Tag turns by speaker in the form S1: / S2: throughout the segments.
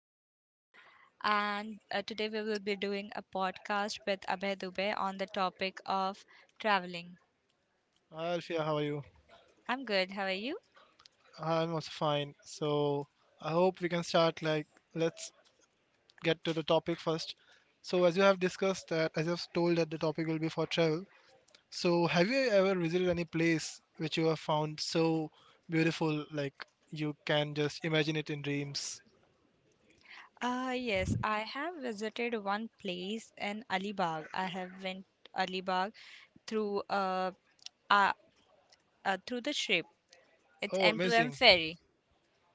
S1: is Alfia, and today we will be doing a podcast with Abhay Dubey on the topic of traveling.
S2: Hi Alfia, how are you?
S1: I'm good. How are you?
S2: I'm also fine. So I hope we can start, like, let's get to the topic first. So as you have discussed that, as I've told, that the topic will be for travel. So have you ever visited any place which you have found so beautiful, like you can just imagine it in dreams?
S1: Yes, I have visited one place in Alibag. I have went Alibag through uh, uh, through the ship. It's
S2: Oh,
S1: M2M
S2: amazing.
S1: ferry.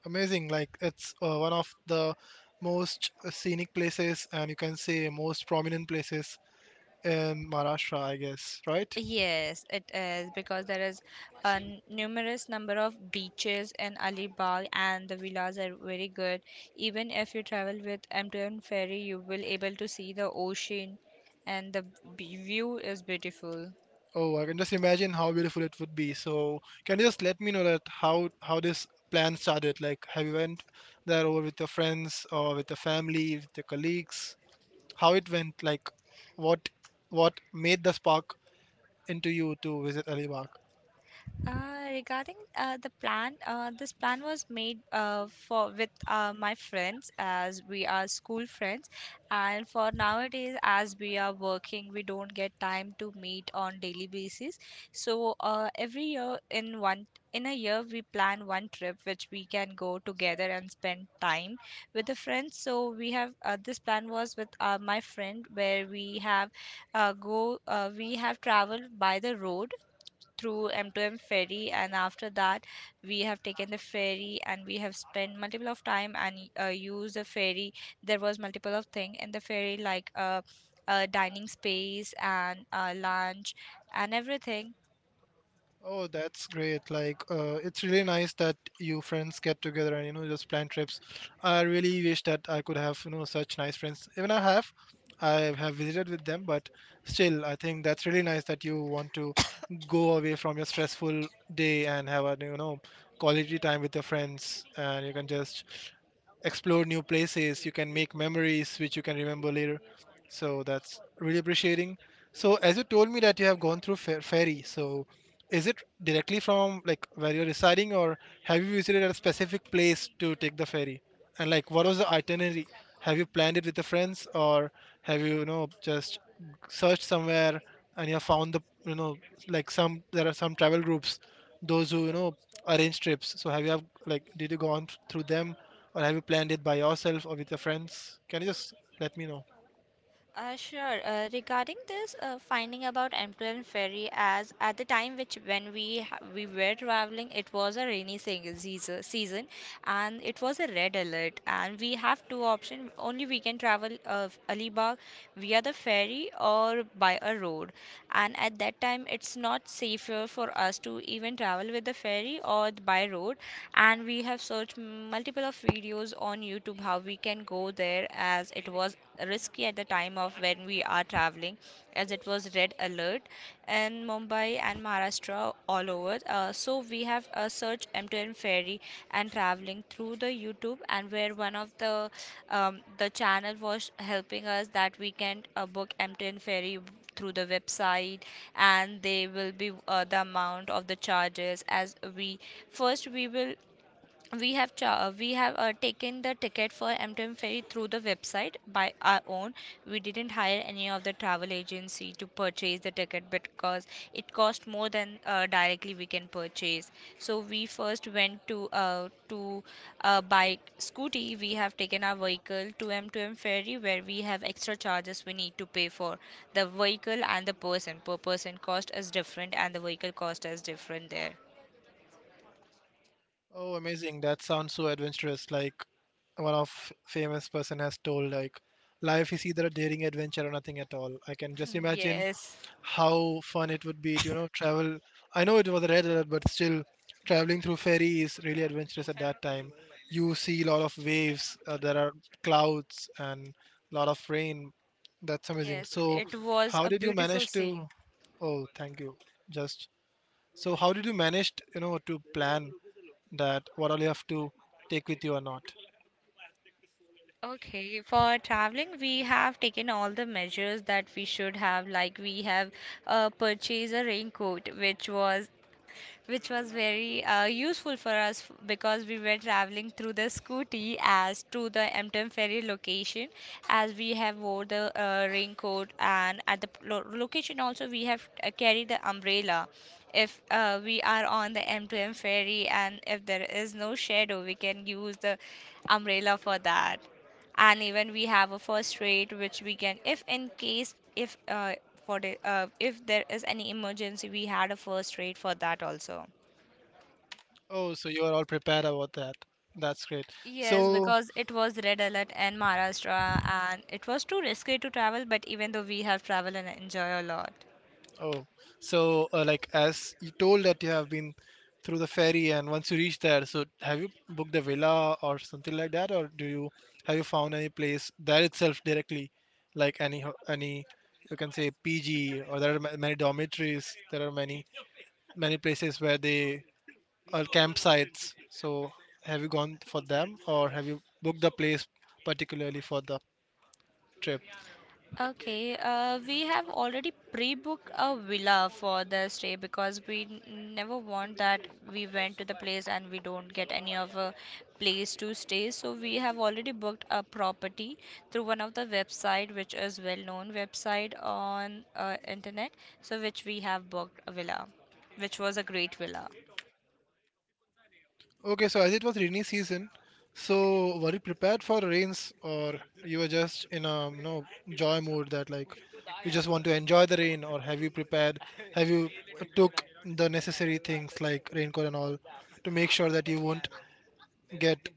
S2: Amazing. Like, it's one of the most scenic places, and you can say most prominent places in Maharashtra, I guess, right?
S1: Yes, it is because there is a numerous number of beaches in Alibag, and the villas are very good. Even if you travel with MTM ferry, you will able to see the ocean, and the view is beautiful.
S2: Oh, I can just imagine how beautiful it would be. So, can you just let me know that how this plan started? Like, have you went there over with your friends, or with your family, with your colleagues? How it went? Like, what what made the spark into you to visit Alibaug?
S1: Regarding the plan, this plan was made for with my friends, as we are school friends. And for nowadays as we are working, we don't get time to meet on daily basis. So every year in a year we plan one trip which we can go together and spend time with the friends. So we have this plan was with my friend, where we have traveled by the road through M2M ferry. And after that, we have taken the ferry, and we have spent multiple of time, and used the ferry. There was multiple of thing in the ferry, like dining space, and lunch, and everything.
S2: Oh, that's great. Like, it's really nice that you friends get together and, you know, just plan trips. I really wish that I could have, you know, such nice friends. Even I have visited with them, but still, I think that's really nice that you want to go away from your stressful day and have a, you know, quality time with your friends, and you can just explore new places. You can make memories which you can remember later. So that's really appreciating. So as you told me that you have gone through ferry, so is it directly from, like, where you're residing, or have you visited a specific place to take the ferry? And like, what was the itinerary? Have you planned it with the friends, or have you, you know, just searched somewhere and you have found the, you know, like some, there are some travel groups those who, you know, arrange trips. So have you have, like, did you go on through them, or have you planned it by yourself or with your friends? Can you just let me know?
S1: Sure. Regarding this finding about Emperor Ferry, as at the time which when we were traveling, it was a rainy season, and it was a red alert. And we have two options. Only we can travel Alibag via the ferry or by a road. And at that time, it's not safer for us to even travel with the ferry or by road. And we have searched multiple of videos on YouTube how we can go there, as it was risky at the time of when we are traveling, as it was red alert in Mumbai and Maharashtra all over. So we have searched MTN ferry and traveling through the YouTube, and where one of the channel was helping us that we can book MTN ferry through the website, and they will be the amount of the charges, as first we will we have taken the ticket for MTM ferry through the website by our own. We didn't hire any of the travel agency to purchase the ticket because it cost more than directly we can purchase. So we first went to by scooty. We have taken our vehicle to M2M ferry, where we have extra charges we need to pay for the vehicle and the person. Per person cost is different, and the vehicle cost is different there.
S2: Oh, amazing. That sounds so adventurous. Like, one of famous person has told, like, life is either a daring adventure or nothing at all. I can just imagine
S1: Yes.
S2: how fun it would be to, you know, travel. I know it was a red alert, but still traveling through ferry is really adventurous at that time. You see a lot of waves, there are clouds and a lot of rain. That's amazing.
S1: Yes,
S2: So
S1: it was
S2: how
S1: a
S2: did you
S1: beautiful
S2: manage to?
S1: scene.
S2: Oh, thank you. Just so how did you manage, you know, to plan that what all you have to take with you or not?
S1: Okay, for traveling, we have taken all the measures that we should have. Like, we have purchased a raincoat, which was very useful for us because we were traveling through the scooty as to the Emtem ferry location, as we have wore the raincoat, and at the location also we have carried the umbrella. If we are on the M2M ferry, and if there is no shadow, we can use the umbrella for that. And even we have a first aid which we can, if in case if for the, if there is any emergency, we had a first aid for that also.
S2: Oh, so you are all prepared about that. That's great.
S1: Yes,
S2: So,
S1: because it was red alert in Maharashtra, and it was too risky to travel, but even though we have traveled and enjoy a lot.
S2: oh, so like as you told that you have been through the ferry, and once you reach there, so have you booked a villa or something like that, or do you have you found any place there itself directly, like any, you can say, PG, or there are many dormitories, there are many places where they, or campsites. So have you gone for them, or have you booked the place particularly for the trip?
S1: Okay, we have already pre-booked a villa for the stay, because we never want that we went to the place and we don't get any of a place to stay. So we have already booked a property through one of the website, which is well-known website on internet. So which we have booked a villa, which was a great villa.
S2: Okay, so as it was rainy season, so were you prepared for rains, or you were just in a, you know, joy mood that, like, you just want to enjoy the rain, or have you prepared, have you took the necessary things like raincoat and all to make sure that you won't get,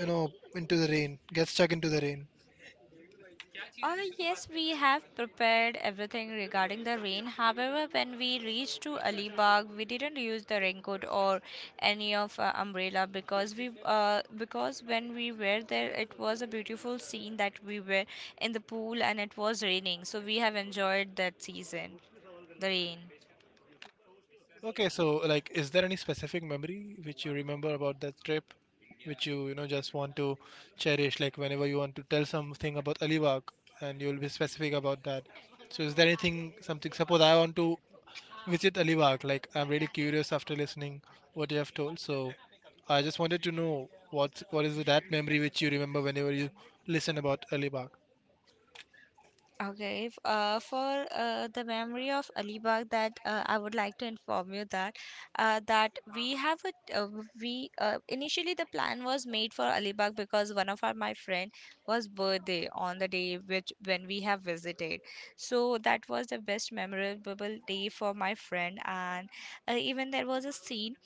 S2: you know, into the rain, get stuck into the rain?
S1: Yes, we have prepared everything regarding the rain. However, when we reached to Alibag, we didn't use the raincoat or any of umbrella, because when we were there, it was a beautiful scene that we were in the pool and it was raining. So we have enjoyed that season, the rain.
S2: Okay, so like, is there any specific memory which you remember about that trip, which you know, just want to cherish? Like, whenever you want to tell something about Alibag, and you'll be specific about that. So, is there anything, something? Suppose I want to visit Alibag. Like, I'm really curious after listening what you have told. So, I just wanted to know what is that memory which you remember whenever you listen about Alibag.
S1: Okay, for the memory of Alibag, that I would like to inform you that we have a we initially the plan was made for Alibag, because one of our my friend was birthday on the day which when we have visited. So that was the best memorable day for my friend. And even there was a scene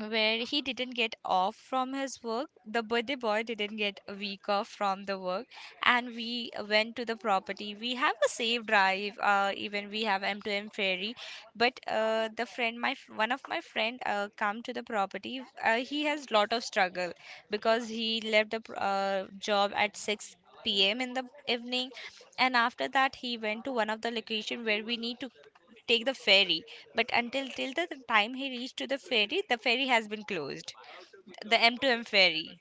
S1: where he didn't get off from his work. The birthday boy didn't get a week off from the work, and we went to the property. We have a safe drive, even we have m to m ferry, but the friend, one of my friend, come to the property. He has lot of struggle because he left the job at 6 p.m. in the evening, and after that he went to one of the location where we need to take the ferry. But until till the time he reached to the ferry has been closed, the m to m ferry.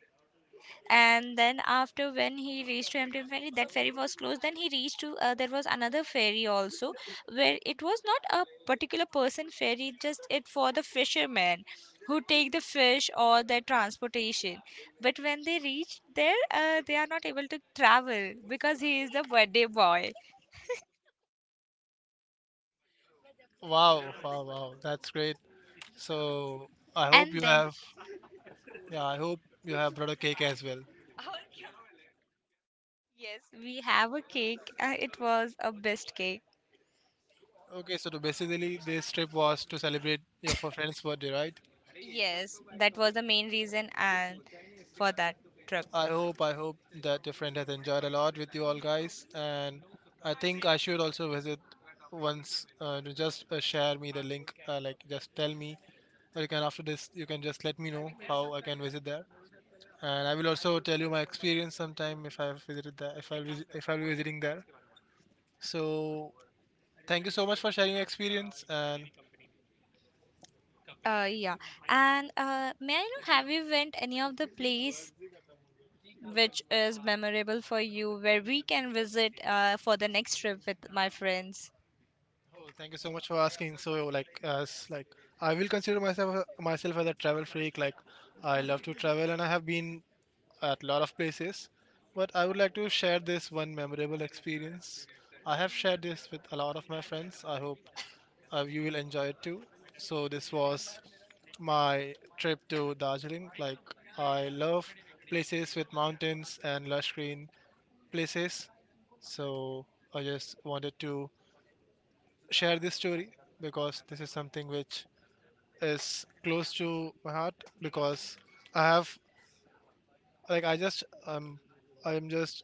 S1: And then after when he reached to m ferry, that ferry was closed. Then he reached to there was another ferry also, where it was not a particular person ferry, just it for the fishermen who take the fish or their transportation. But when they reach there, they are not able to travel because he is the birthday boy.
S2: Wow, wow, wow! That's great. So I hope
S1: And
S2: you
S1: then
S2: have, yeah, I hope you have brought a cake as well.
S1: Yes, we have a cake. It was a best cake.
S2: Okay, so to basically this trip was to celebrate your friend's birthday, right?
S1: Yes, that was the main reason, and for that trip.
S2: I hope that your friend has enjoyed a lot with you all guys, and I think I should also visit once. To just share me the link, like just tell me, or you can after this you can just let me know how I can visit there, and I will also tell you my experience sometime if I've visited there, if I'll visit, if I'll be visiting there. So thank you so much for sharing your experience, and
S1: Yeah. And may I know, have you went any of the place which is memorable for you, where we can visit for the next trip with my friends?
S2: oh, thank you so much for asking. So, like, as like, I will consider myself as a travel freak. Like, I love to travel, and I have been at a lot of places. But I would like to share this one memorable experience. I have shared this with a lot of my friends. I hope you will enjoy it too. So, this was my trip to Darjeeling. Like, I love places with mountains and lush green places. So, I just wanted to share this story because this is something which is close to my heart because I have, like I just I'm just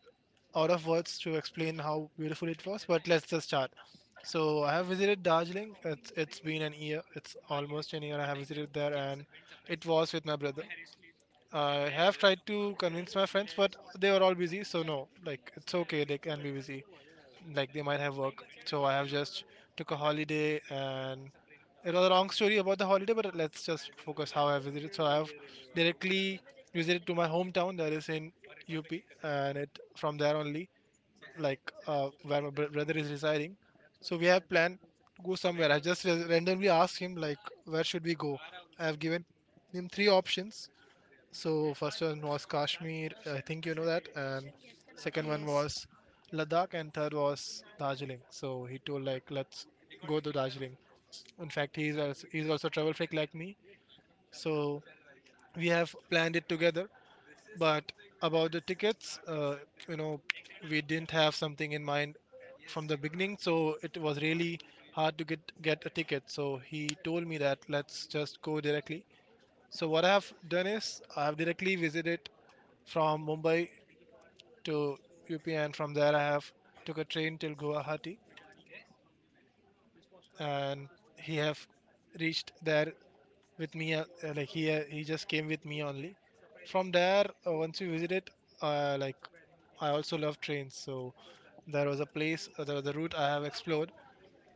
S2: out of words to explain how beautiful it was, but let's just start. So I have visited Darjeeling. It's been an year. It's almost an year I have visited there, and it was with my brother. I have tried to convince my friends, but they were all busy, so no, like it's okay, they can be busy, like they might have work, so I have just took a holiday, and it was a long story about the holiday, but let's just focus how I visited. So I have directly visited to my hometown, that is in UP, and it from there only, like where my brother is residing, so we have planned go somewhere. I just randomly asked him, like, where should we go. I have given him three options. So first one was Kashmir, I think you know that, and second one
S1: Yes.
S2: was Ladakh, and third was Darjeeling. So he told, like, let's go to Darjeeling. In fact, he's also a travel freak like me. So we have planned it together. But about the tickets, you know, we didn't have something in mind from the beginning, so it was really hard to get a ticket. So he told me that let's just go directly. So what I've done is I have directly visited from Mumbai to UP, and from there I have took a train till Guwahati, and he have reached there with me. Like he, he just came with me only. From there, once we visited, like I also love trains, so there was a place, there was a route I have explored,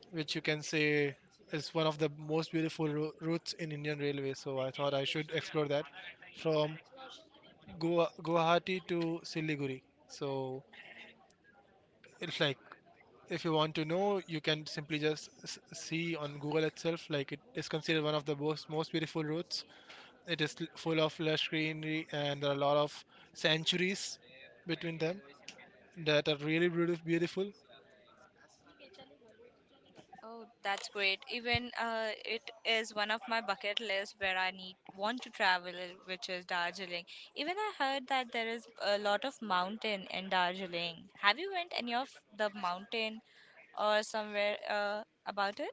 S2: which you can say is one of the most beautiful routes in Indian Railway. So I thought I should explore that from Goa, Guwahati to Siliguri. So it's like if you want to know, you can simply just see on Google itself. Like it is considered one of the most beautiful routes. It is full of lush greenery, and there are a lot of sanctuaries between them that are really beautiful. Beautiful.
S1: Oh, that's great. Even it is one of my bucket lists, where I need want to travel, which is Darjeeling. Even I heard that there is a lot of mountain in Darjeeling. Have you went any of the mountain or somewhere about it?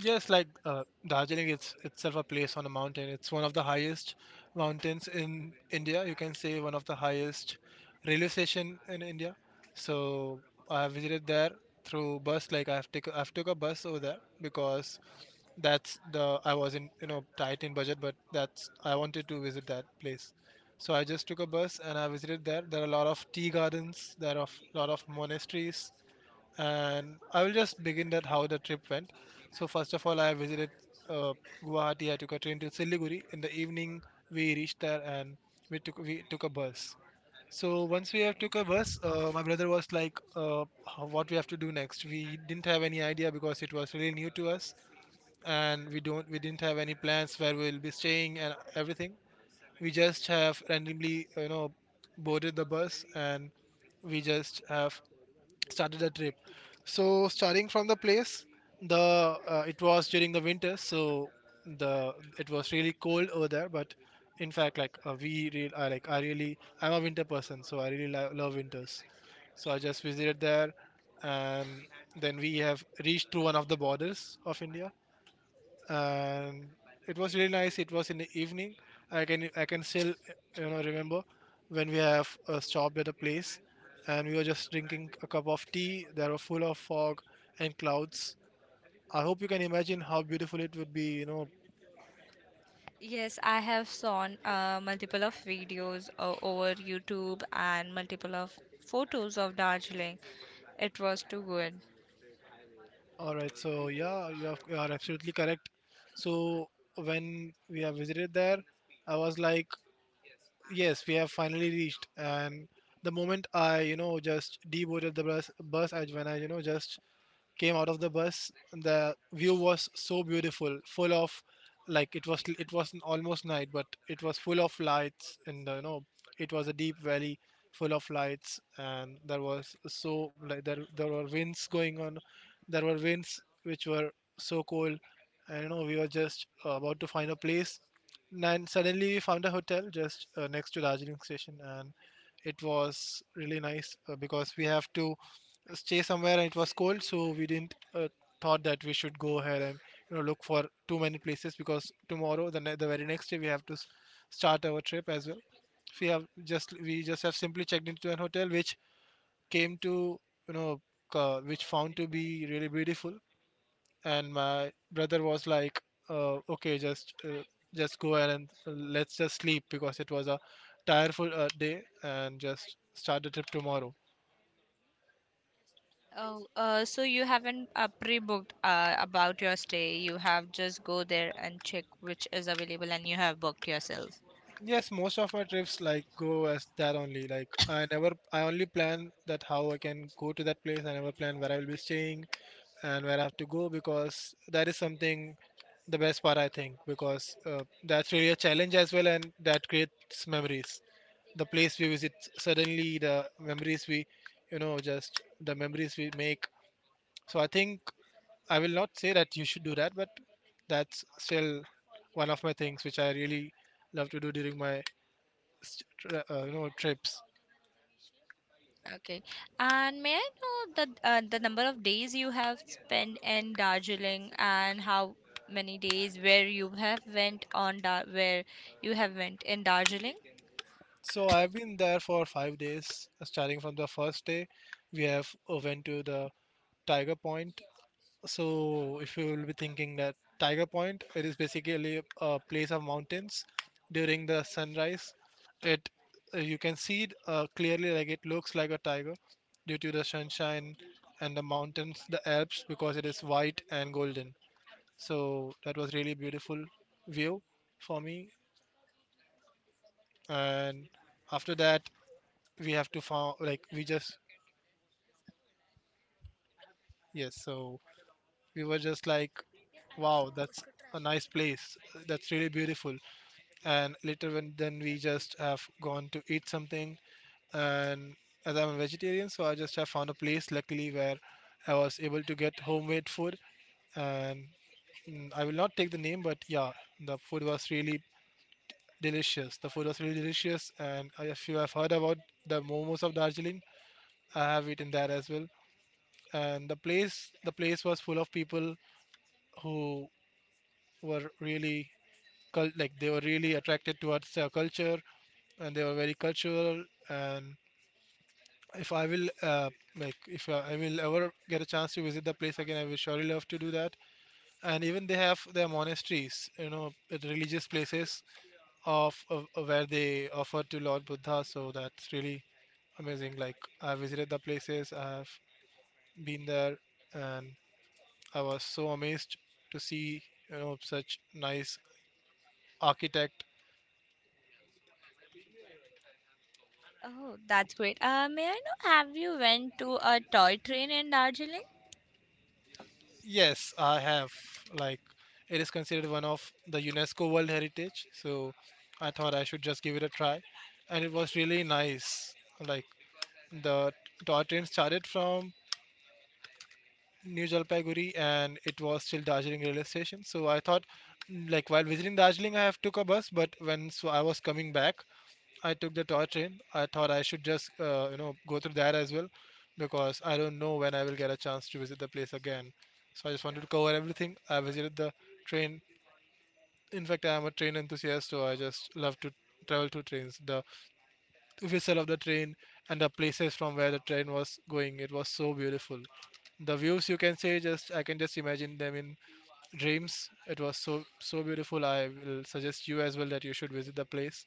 S2: Yes, like Darjeeling, it's itself a place on a mountain. It's one of the highest mountains in India. You can say one of the highest railway station in India. So I have visited there through bus. Like I have take, I have took a bus over there because that's the, I was in, you know, tight in budget, but that's I wanted to visit that place. So I just took a bus and I visited there. There are a lot of tea gardens. There are a lot of monasteries, and I will just begin that how the trip went. So first of all, I visited uh, Guwahati. I took a train to Siliguri. In the evening, we reached there and we took a bus. So once we have
S1: Okay.
S2: took a bus, my brother was like, "How-" "What we have to do next?" We didn't have any idea because it was really new to us, and we don't we didn't have any plans where we will be staying and everything. We just have randomly, you know, boarded the bus and we just have started the trip. So starting from the place, the it was during the winter, so the it was really cold over there. But in fact, like we real, I like, I really, I'm a winter person, so I really love winters. So I just visited there, and then we have reached to one of the borders of India, and it was really nice. It was in the evening. I can still remember when we have stopped at a place and we were just drinking a cup of tea. There were full of fog and clouds. I hope you can imagine how beautiful it would be. You know.
S1: Yes, I have seen multiple of videos over YouTube, and multiple of photos of Darjeeling. It was too good.
S2: All right. So yeah, you are absolutely correct. So when we have visited there, I was like, yes, we have finally reached. And the moment I just deboarded the bus, bus I when I you know just came out of the bus, the view was so beautiful, full of, like, it was almost night, but it was full of lights, and it was a deep valley full of lights. And there was, so, like, there were winds going on. There were winds which were so cold. And we were just about to find a place, and suddenly we found a hotel just next to Darjeeling station. And it was really nice because we have to stay somewhere and it was cold, so we didn't thought that we should go ahead and look for too many places, because tomorrow the very next day we have to start our trip as well. We just have simply checked into an hotel which came to you know which found to be really beautiful, and my brother was like, okay, just go ahead and let's just sleep, because it was a tireful day, and just start the trip tomorrow.
S1: Oh, so you haven't pre-booked about your stay. You have just go there and check which is available, and you have booked yourself.
S2: Yes, most of my trips like go as that only. Like, I never, I only plan that how I can go to that place. I never plan where I will be staying and where I have to go, because that is something the best part I think, because that's really a challenge as well, and that creates memories. The place we visit, suddenly the memories we make. So I think I will not say that you should do that, but that's still one of my things which I really love to do during my s- trips.
S1: Okay. And may I know the number of days you have spent in Darjeeling, and how many days where you have went in Darjeeling?
S2: So I've been there for 5 days. Starting from the first day, we have went to the Tiger Point. So if you will be thinking that Tiger Point, it is basically a place of mountains. During the sunrise, it you can see it clearly, like it looks like a tiger due to the sunshine and the mountains, the Alps, because it is white and golden. So that was really beautiful view for me. And after that we have to found, like, we just, yes, so we were just like, wow, that's a nice place, that's really beautiful. And later when then we just have gone to eat something. And as I'm a vegetarian, so I just have found a place luckily where I was able to get homemade food. And I will not take the name, but yeah, the food was really delicious. The food was really delicious. And if you have heard about the momos of Darjeeling, I have eaten that as well. And the place was full of people who were really like, they were really attracted towards their culture, and they were very cultural. And if I will, uh, if I will ever get a chance to visit the place again, I will surely love to do that. And even they have their monasteries, religious places of where they offer to Lord Buddha. So that's really amazing. Like, I visited the places, I have been there, and I was so amazed to see such nice architect.
S1: Oh, that's great. May I know have you went to a toy train in Darjeeling?
S2: Yes, I have. Like, it is considered one of the UNESCO World Heritage, so I thought I should just give it a try, and it was really nice. Like, the Tottenham started from New Jalpaiguri and it was still Darjeeling railway station. So I thought, like, while visiting Darjeeling, I have took a bus, but when so I was coming back, I took the toy train. I thought I should just go through that as well, because I don't know when I will get a chance to visit the place again. So I just wanted to cover everything. I visited the train. In fact, I am a train enthusiast, so I just love to travel to trains. The whistle of the train and the places from where the train was going. It was so beautiful. The views you can say, just I can just imagine them in dreams. It was so so beautiful. I will suggest you as well that you should visit the place.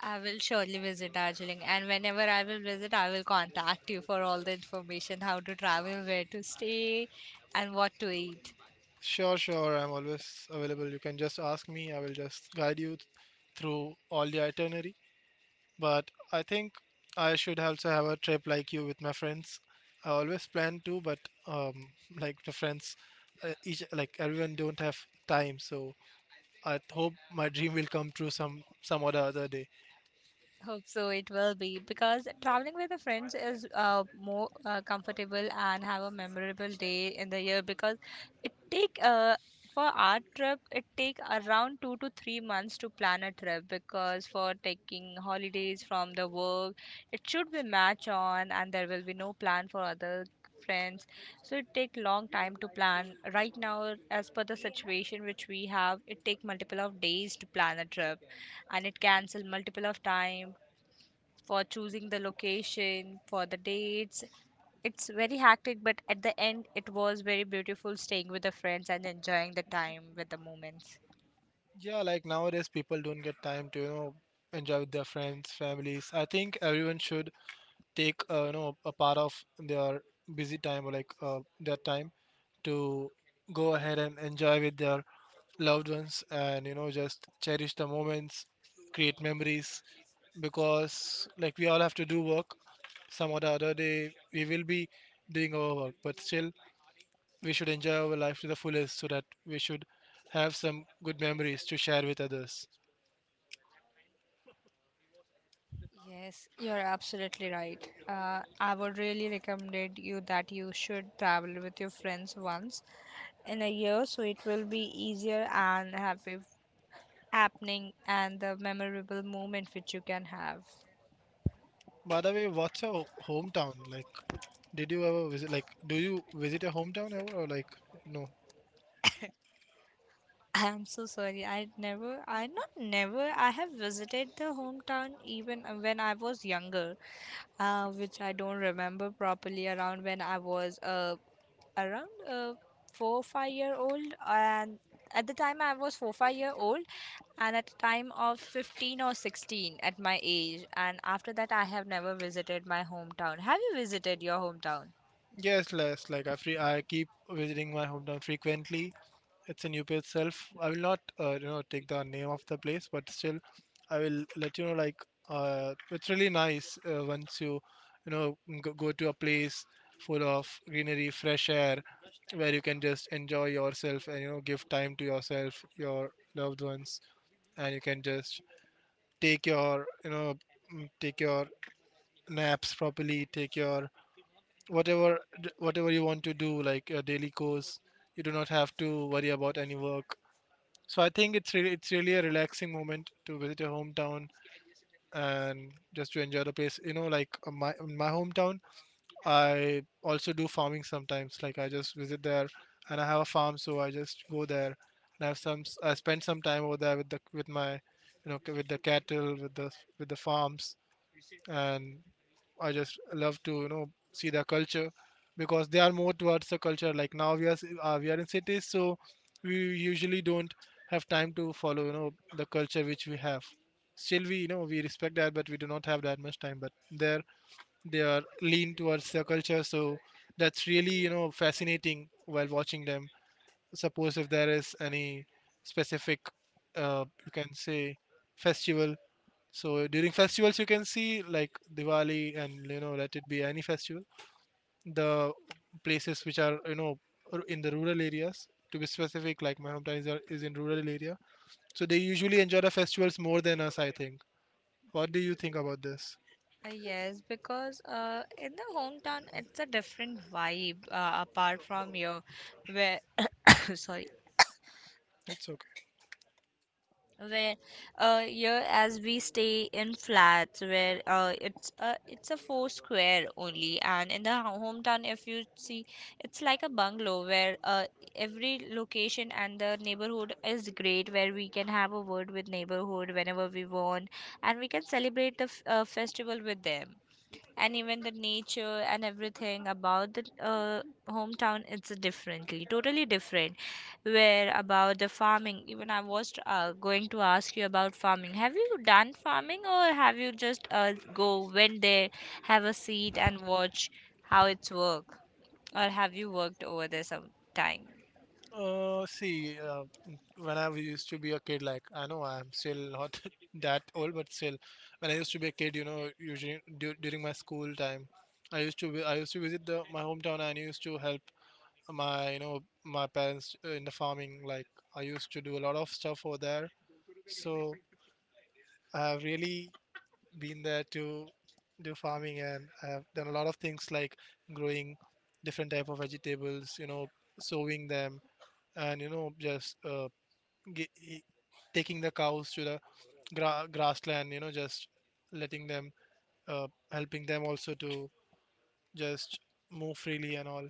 S1: I will surely visit Darjeeling, and whenever I will visit, I will contact you for all the information, how to travel, where to stay, and what to eat.
S2: Sure, sure. I'm always available. You can just ask me. I will just guide you through all the itinerary. But I think I should also have a trip like you with my friends. I always plan to, but um, like, the friends, each like, everyone don't have time. So I hope my dream will come true some other day.
S1: Hope so it will be, because traveling with the friends is more comfortable and have a memorable day in the year, because it take for our trip it take around 2 to 3 months to plan a trip, because for taking holidays from the work it should be match on, and there will be no plan for other friends. So it take long time to plan. Right now, as per the situation which we have, it take multiple of days to plan a trip, and it cancel multiple of time for choosing the location, for the dates. It's very hectic, but at the end, it was very beautiful staying with the friends and enjoying the time with the moments.
S2: Yeah, like, nowadays people don't get time to enjoy with their friends, families. I think everyone should take a part of their busy time, or like their time to go ahead and enjoy with their loved ones, and just cherish the moments, create memories. Because like, we all have to do work, some other day we will be doing our work, but still we should enjoy our life to the fullest, so that we should have some good memories to share with others.
S1: Yes, you're absolutely right. I would really recommend you that you should travel with your friends once in a year, so it will be easier and happy happening, and the memorable moment which you can have.
S2: By the way, what's your hometown? Like, did you ever visit? Like, do you visit your hometown ever, or like, no?
S1: I'm so sorry. I never, I not never, I have visited the hometown, even when I was younger, which I don't remember properly around when I was around 4 or 5 year old. And at the time I was 4 5 year old, and at the time of 15 or 16 at my age. And after that I have never visited my hometown. Have you visited your hometown?
S2: Yes, less like I keep visiting my hometown frequently. It's in UP itself. I will not take the name of the place, but still I will let you know like, it's really nice, once you go to a place full of greenery, fresh air, where you can just enjoy yourself, and give time to yourself, your loved ones, and you can just take your take your naps properly, take your whatever you want to do, like a daily course. You do not have to worry about any work, so I think it's really a relaxing moment to visit your hometown, and just to enjoy the place. Like, my in my hometown, I also do farming sometimes. Like, I just visit there, and I have a farm, so I just go there, and I have I spend some time over there with the with my you know c- with the cattle, with the farms and I just love to see the culture, because they are more towards the culture. Like, now we are in cities, so we usually don't have time to follow the culture which we have. Still, we you know we respect that, but we do not have that much time. But there they are lean towards their culture, so that's really fascinating while watching them. Suppose if there is any specific, you can say, festival, so during festivals, you can see like Diwali, and let it be any festival, the places which are in the rural areas. To be specific, like my hometown is in rural area, so they usually enjoy the festivals more than us, I think. What do you think about this?
S1: Yes, because in the hometown it's a different vibe apart from here, where sorry,
S2: It's okay.
S1: where here as we stay in flats, where it's a four square only, and in the ho- hometown if you see, it's like a bungalow, where every location and the neighborhood is great, where we can have a word with neighborhood whenever we want, and we can celebrate the festival with them. And even the nature and everything about the hometown, it's differently totally different, where about the farming. Even I was going to ask you about farming. Have you done farming, or have you just go when they have a seat and watch how it's work, or have you worked over there some time
S2: Uh, see, uh, when I used to be a kid, like I know I'm still not that old, but still, when I used to be a kid, you know, usually during my school time, I used to I used to visit the my hometown and I used to help my you know my parents in the farming, like I used to do a lot of stuff over there. So I have really been there to do farming, and I have done a lot of things like growing different type of vegetables, you know, sowing them, and you know just ge- e- taking the cows to the grassland, you know, just letting them, helping them also to just move freely and all.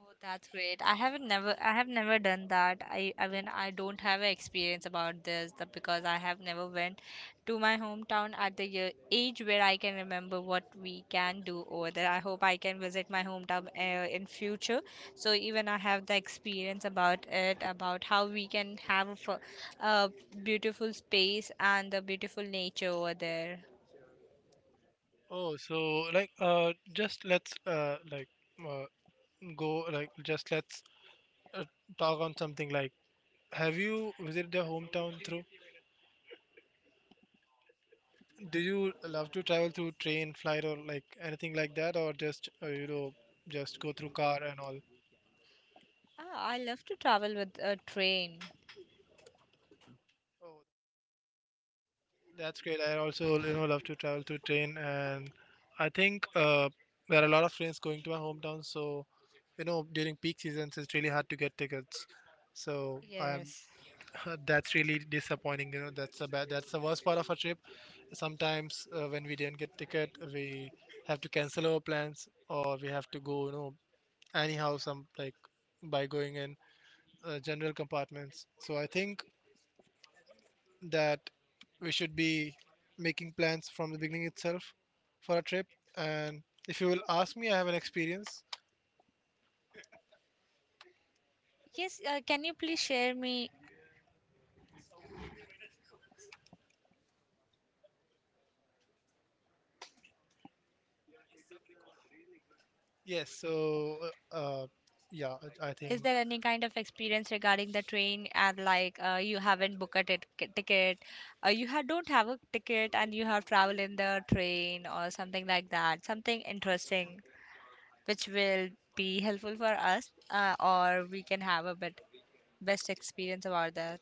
S1: Oh, that's great. I have never done that. I mean I don't have an experience about this that, because I have never went to my hometown at the year, age, where I can remember what we can do over there. I hope I can visit my hometown in future. So even I have the experience about it, about how we can have a, a beautiful space and the beautiful nature over there.
S2: Oh, so like just let's like uh, go, like just let's uh, talk on something like, have you visited your hometown through do you love to travel through train, flight, or like anything like that, or just you know, just go through car and all?
S1: Ah, I love to travel with a train.
S2: Oh, that's great. I also, you know, love to travel through train. And I think there are a lot of trains going to my hometown, so you know during peak seasons it's really hard to get tickets. So I'm
S1: Yes.
S2: that's really disappointing. You know, that's a bad, that's the worst part of a trip. Sometimes when we didn't get ticket, we have to cancel our plans or we have to go, you know, anyhow, some like by going in general compartments. So I think that we should be making plans from the beginning itself for a trip. And if you will ask me, I have an experience.
S1: Yes, can you please share me.
S2: Yes. So uh, yeah, I
S1: Is
S2: think,
S1: there any kind of experience regarding the train, and like you haven't booked a ticket, you ha don't have a ticket and you have traveled in the train or something like that, something interesting which will be helpful for us or we can have a bit best experience about that.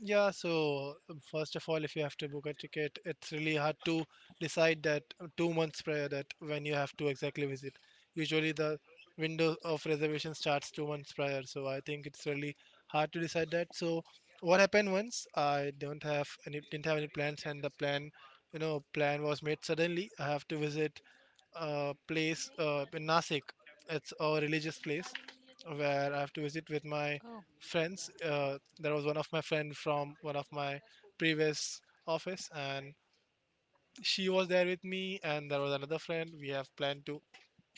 S2: yeah, so first of all, if you have to book a ticket, it's really hard to decide that, 2 months prior, that when you have to exactly visit. Usually the window of reservation starts 2 months prior, so I think it's really hard to decide that. So what happened once, I don't have any didn't have any plans, and the plan, you know, plan was made suddenly. I have to visit a place in Nasik. It's a religious place where I have to visit with my
S1: Oh,
S2: friends. There was one of my friend from one of my previous office, and she was there with me. And there was another friend. We have planned to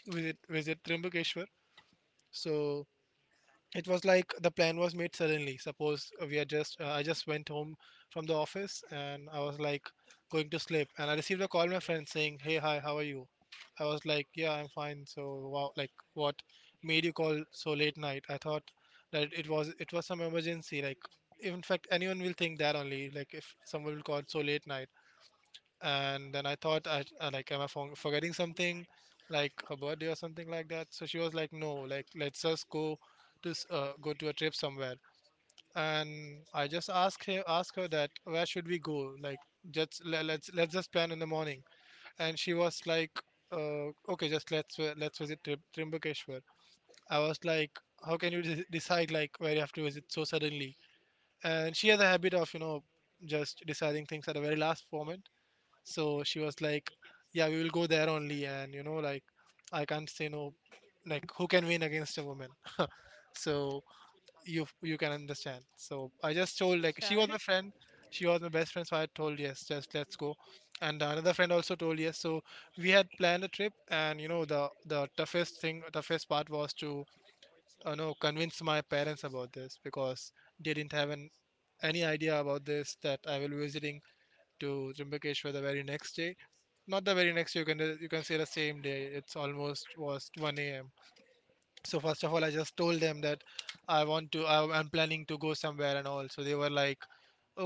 S2: visit Trimbakeshwar. So it was like the plan was made suddenly. Suppose we are just I just went home from the office, and I was like going to sleep, and I received a call, my friend saying, "Hey, hi, how are you?" I was like, "Yeah, I'm fine. So wow, like what made you call so late night?" I thought that it was some emergency, like in fact anyone will think that only, like if someone will call so late night. And then I thought, I, like am I forgetting something like her birthday or something like that. So she was like, "No, like let's just go to go to a trip somewhere." And I just asked her that where should we go, like just let's just plan in the morning. And she was like, "Okay, just let's let's visit Trimbakeshwar." I was like, how can you decide like where you have to visit so suddenly? And she has a habit of, you know, just deciding things at the very last moment. So she was like, "Yeah, we will go there only," and you know, like I can't say no. Like who can win against a woman? So you can understand. So I just told, like she was my
S1: sure.
S2: friend, she was my best friend, so I told yes, just let's go. And another friend also told yes. So we had planned a trip. And you know the toughest part was to, you know, convince my parents about this, because they didn't have an any idea about this, that I will be visiting to Trimbakeshwar the very next day. Not the very next day, you can say the same day. It's almost was 1 a.m. So first of all, I just told them that I I'm planning to go somewhere and all. So they were like,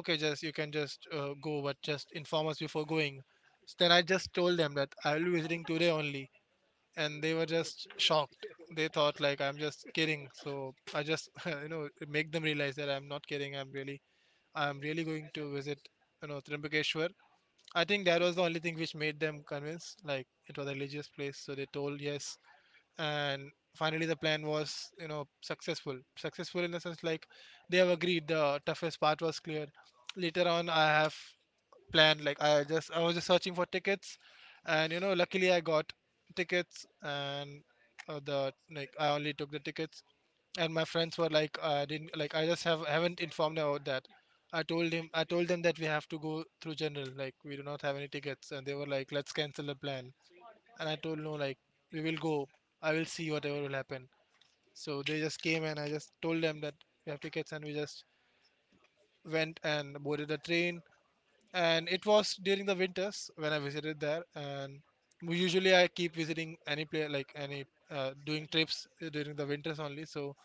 S2: okay, just you can just go, but just inform us before going. So then I just told them that I will be visiting today only, and they were just shocked. They thought like I'm just kidding. So I just you know make them realize that I'm not kidding. I'm really going to visit, you know, Trimbakeshwar. I think that was the only thing which made them convinced. Like it was a religious place, so they told yes. And finally the plan was, you know, successful in the sense like they have agreed, the toughest part was cleared. Later on, I have planned, like I just, I was just searching for tickets, and you know, luckily I got tickets. And the like I only took the tickets, and my friends were like, I didn't like I just haven't informed about that. I told them that we have to go through general, like we do not have any tickets, and they were like, "Let's cancel the plan." And I told no, like we will go. I will see whatever will happen. So they just came, and I just told them that we have tickets. And we just went and boarded the train. And it was during the winters when I visited there. And usually I keep visiting any place, like any doing trips during the winters only. So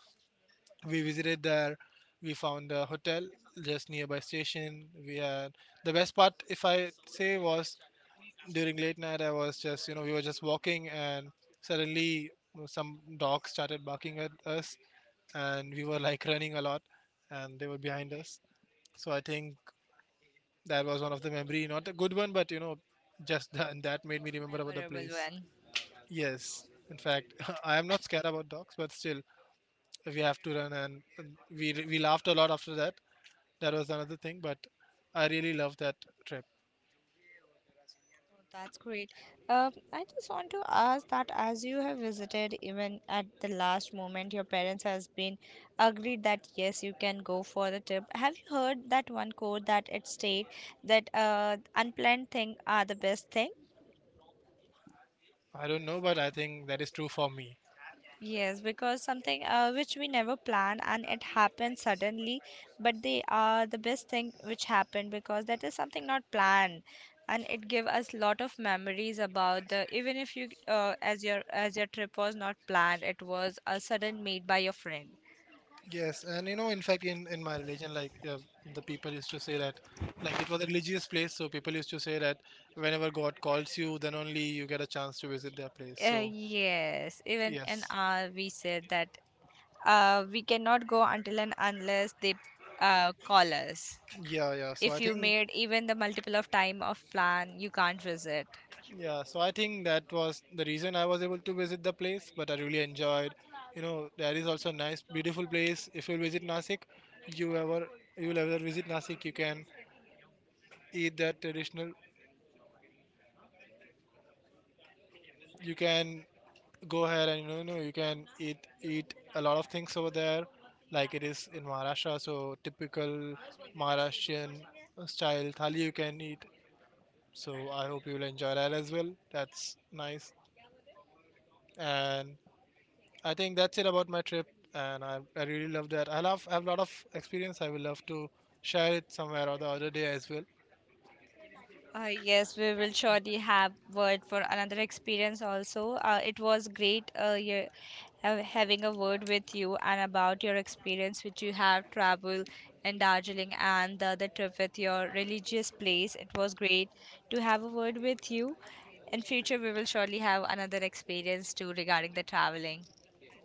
S2: we visited there. We found a hotel just nearby station. We had the best part, if I say, was during late night. I was just, you know, we were just walking, and suddenly some dogs started barking at us, and we were like running a lot, and they were behind us. So I think that was one of the memory, not a good one, but you know, just that, that made me remember about the
S1: Memorable
S2: place.
S1: one.
S2: Yes, in fact, I am not scared about dogs, but still we have to run. And we laughed a lot after that. That was another thing, but I really loved that trip.
S1: That's great. I just want to ask that as you have visited, even at the last moment, your parents has been agreed that yes, you can go for the trip. Have you heard that one quote that it state that unplanned thing are the best thing?
S2: I don't know, but I think that is true for me.
S1: Yes, because something which we never plan and it happens suddenly, but they are the best thing which happened because that is something not planned, and it give us lot of memories about the, even if you as your trip was not planned, it was a sudden made by your friend.
S2: Yes, and you know, in fact, in my religion, like the people used to say that, like it was a religious place, so people used to say that whenever God calls you, then only you get a chance to visit their place. So
S1: Yes, even in
S2: yes,
S1: our we said that we cannot go until and unless they call us.
S2: yeah, yeah. So
S1: If
S2: I
S1: you
S2: think,
S1: made even the multiple of time of plan, you can't visit.
S2: yeah, so I think that was the reason I was able to visit the place, but I really enjoyed. You know, that is also a nice, beautiful place. If you visit Nasik, you ever you will ever visit Nasik, you can eat that traditional, you can go ahead, and you know, you know you can eat a lot of things over there, like it is in Maharashtra. So typical Maharashtrian style thali you can eat. So I hope you'll enjoy that as well. That's nice. And I think that's it about my trip. And I really love that, I love, I have a lot of experience, I will love to share it somewhere or the other day as well.
S1: Yes, we will surely have word for another experience also. It was great, having a word with you and about your experience which you have traveled in Darjeeling and the other trip with your religious place. It was great to have a word with you. In future, we will surely have another experience too regarding the traveling.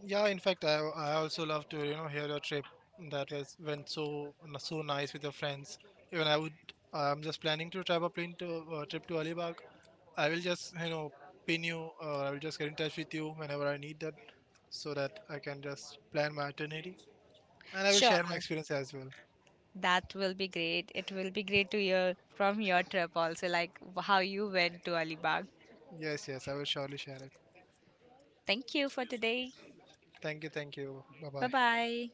S2: Yeah, in fact, I also love to, you know, hear your trip that was went so so nice with your friends. Even I would, I'm just planning to travel a plane to trip to Alibag. I will just, you know, pin you, or I will just get in touch with you whenever I need that, so that I can just plan my itinerary. And I will
S1: Sure,
S2: share my experience as well.
S1: that will be great. It will be great to hear from your trip also, like how you went to Alibag.
S2: Yes, yes, I will surely share it.
S1: Thank you for today.
S2: Thank you, thank you. Bye
S1: Bye
S2: bye.
S1: bye.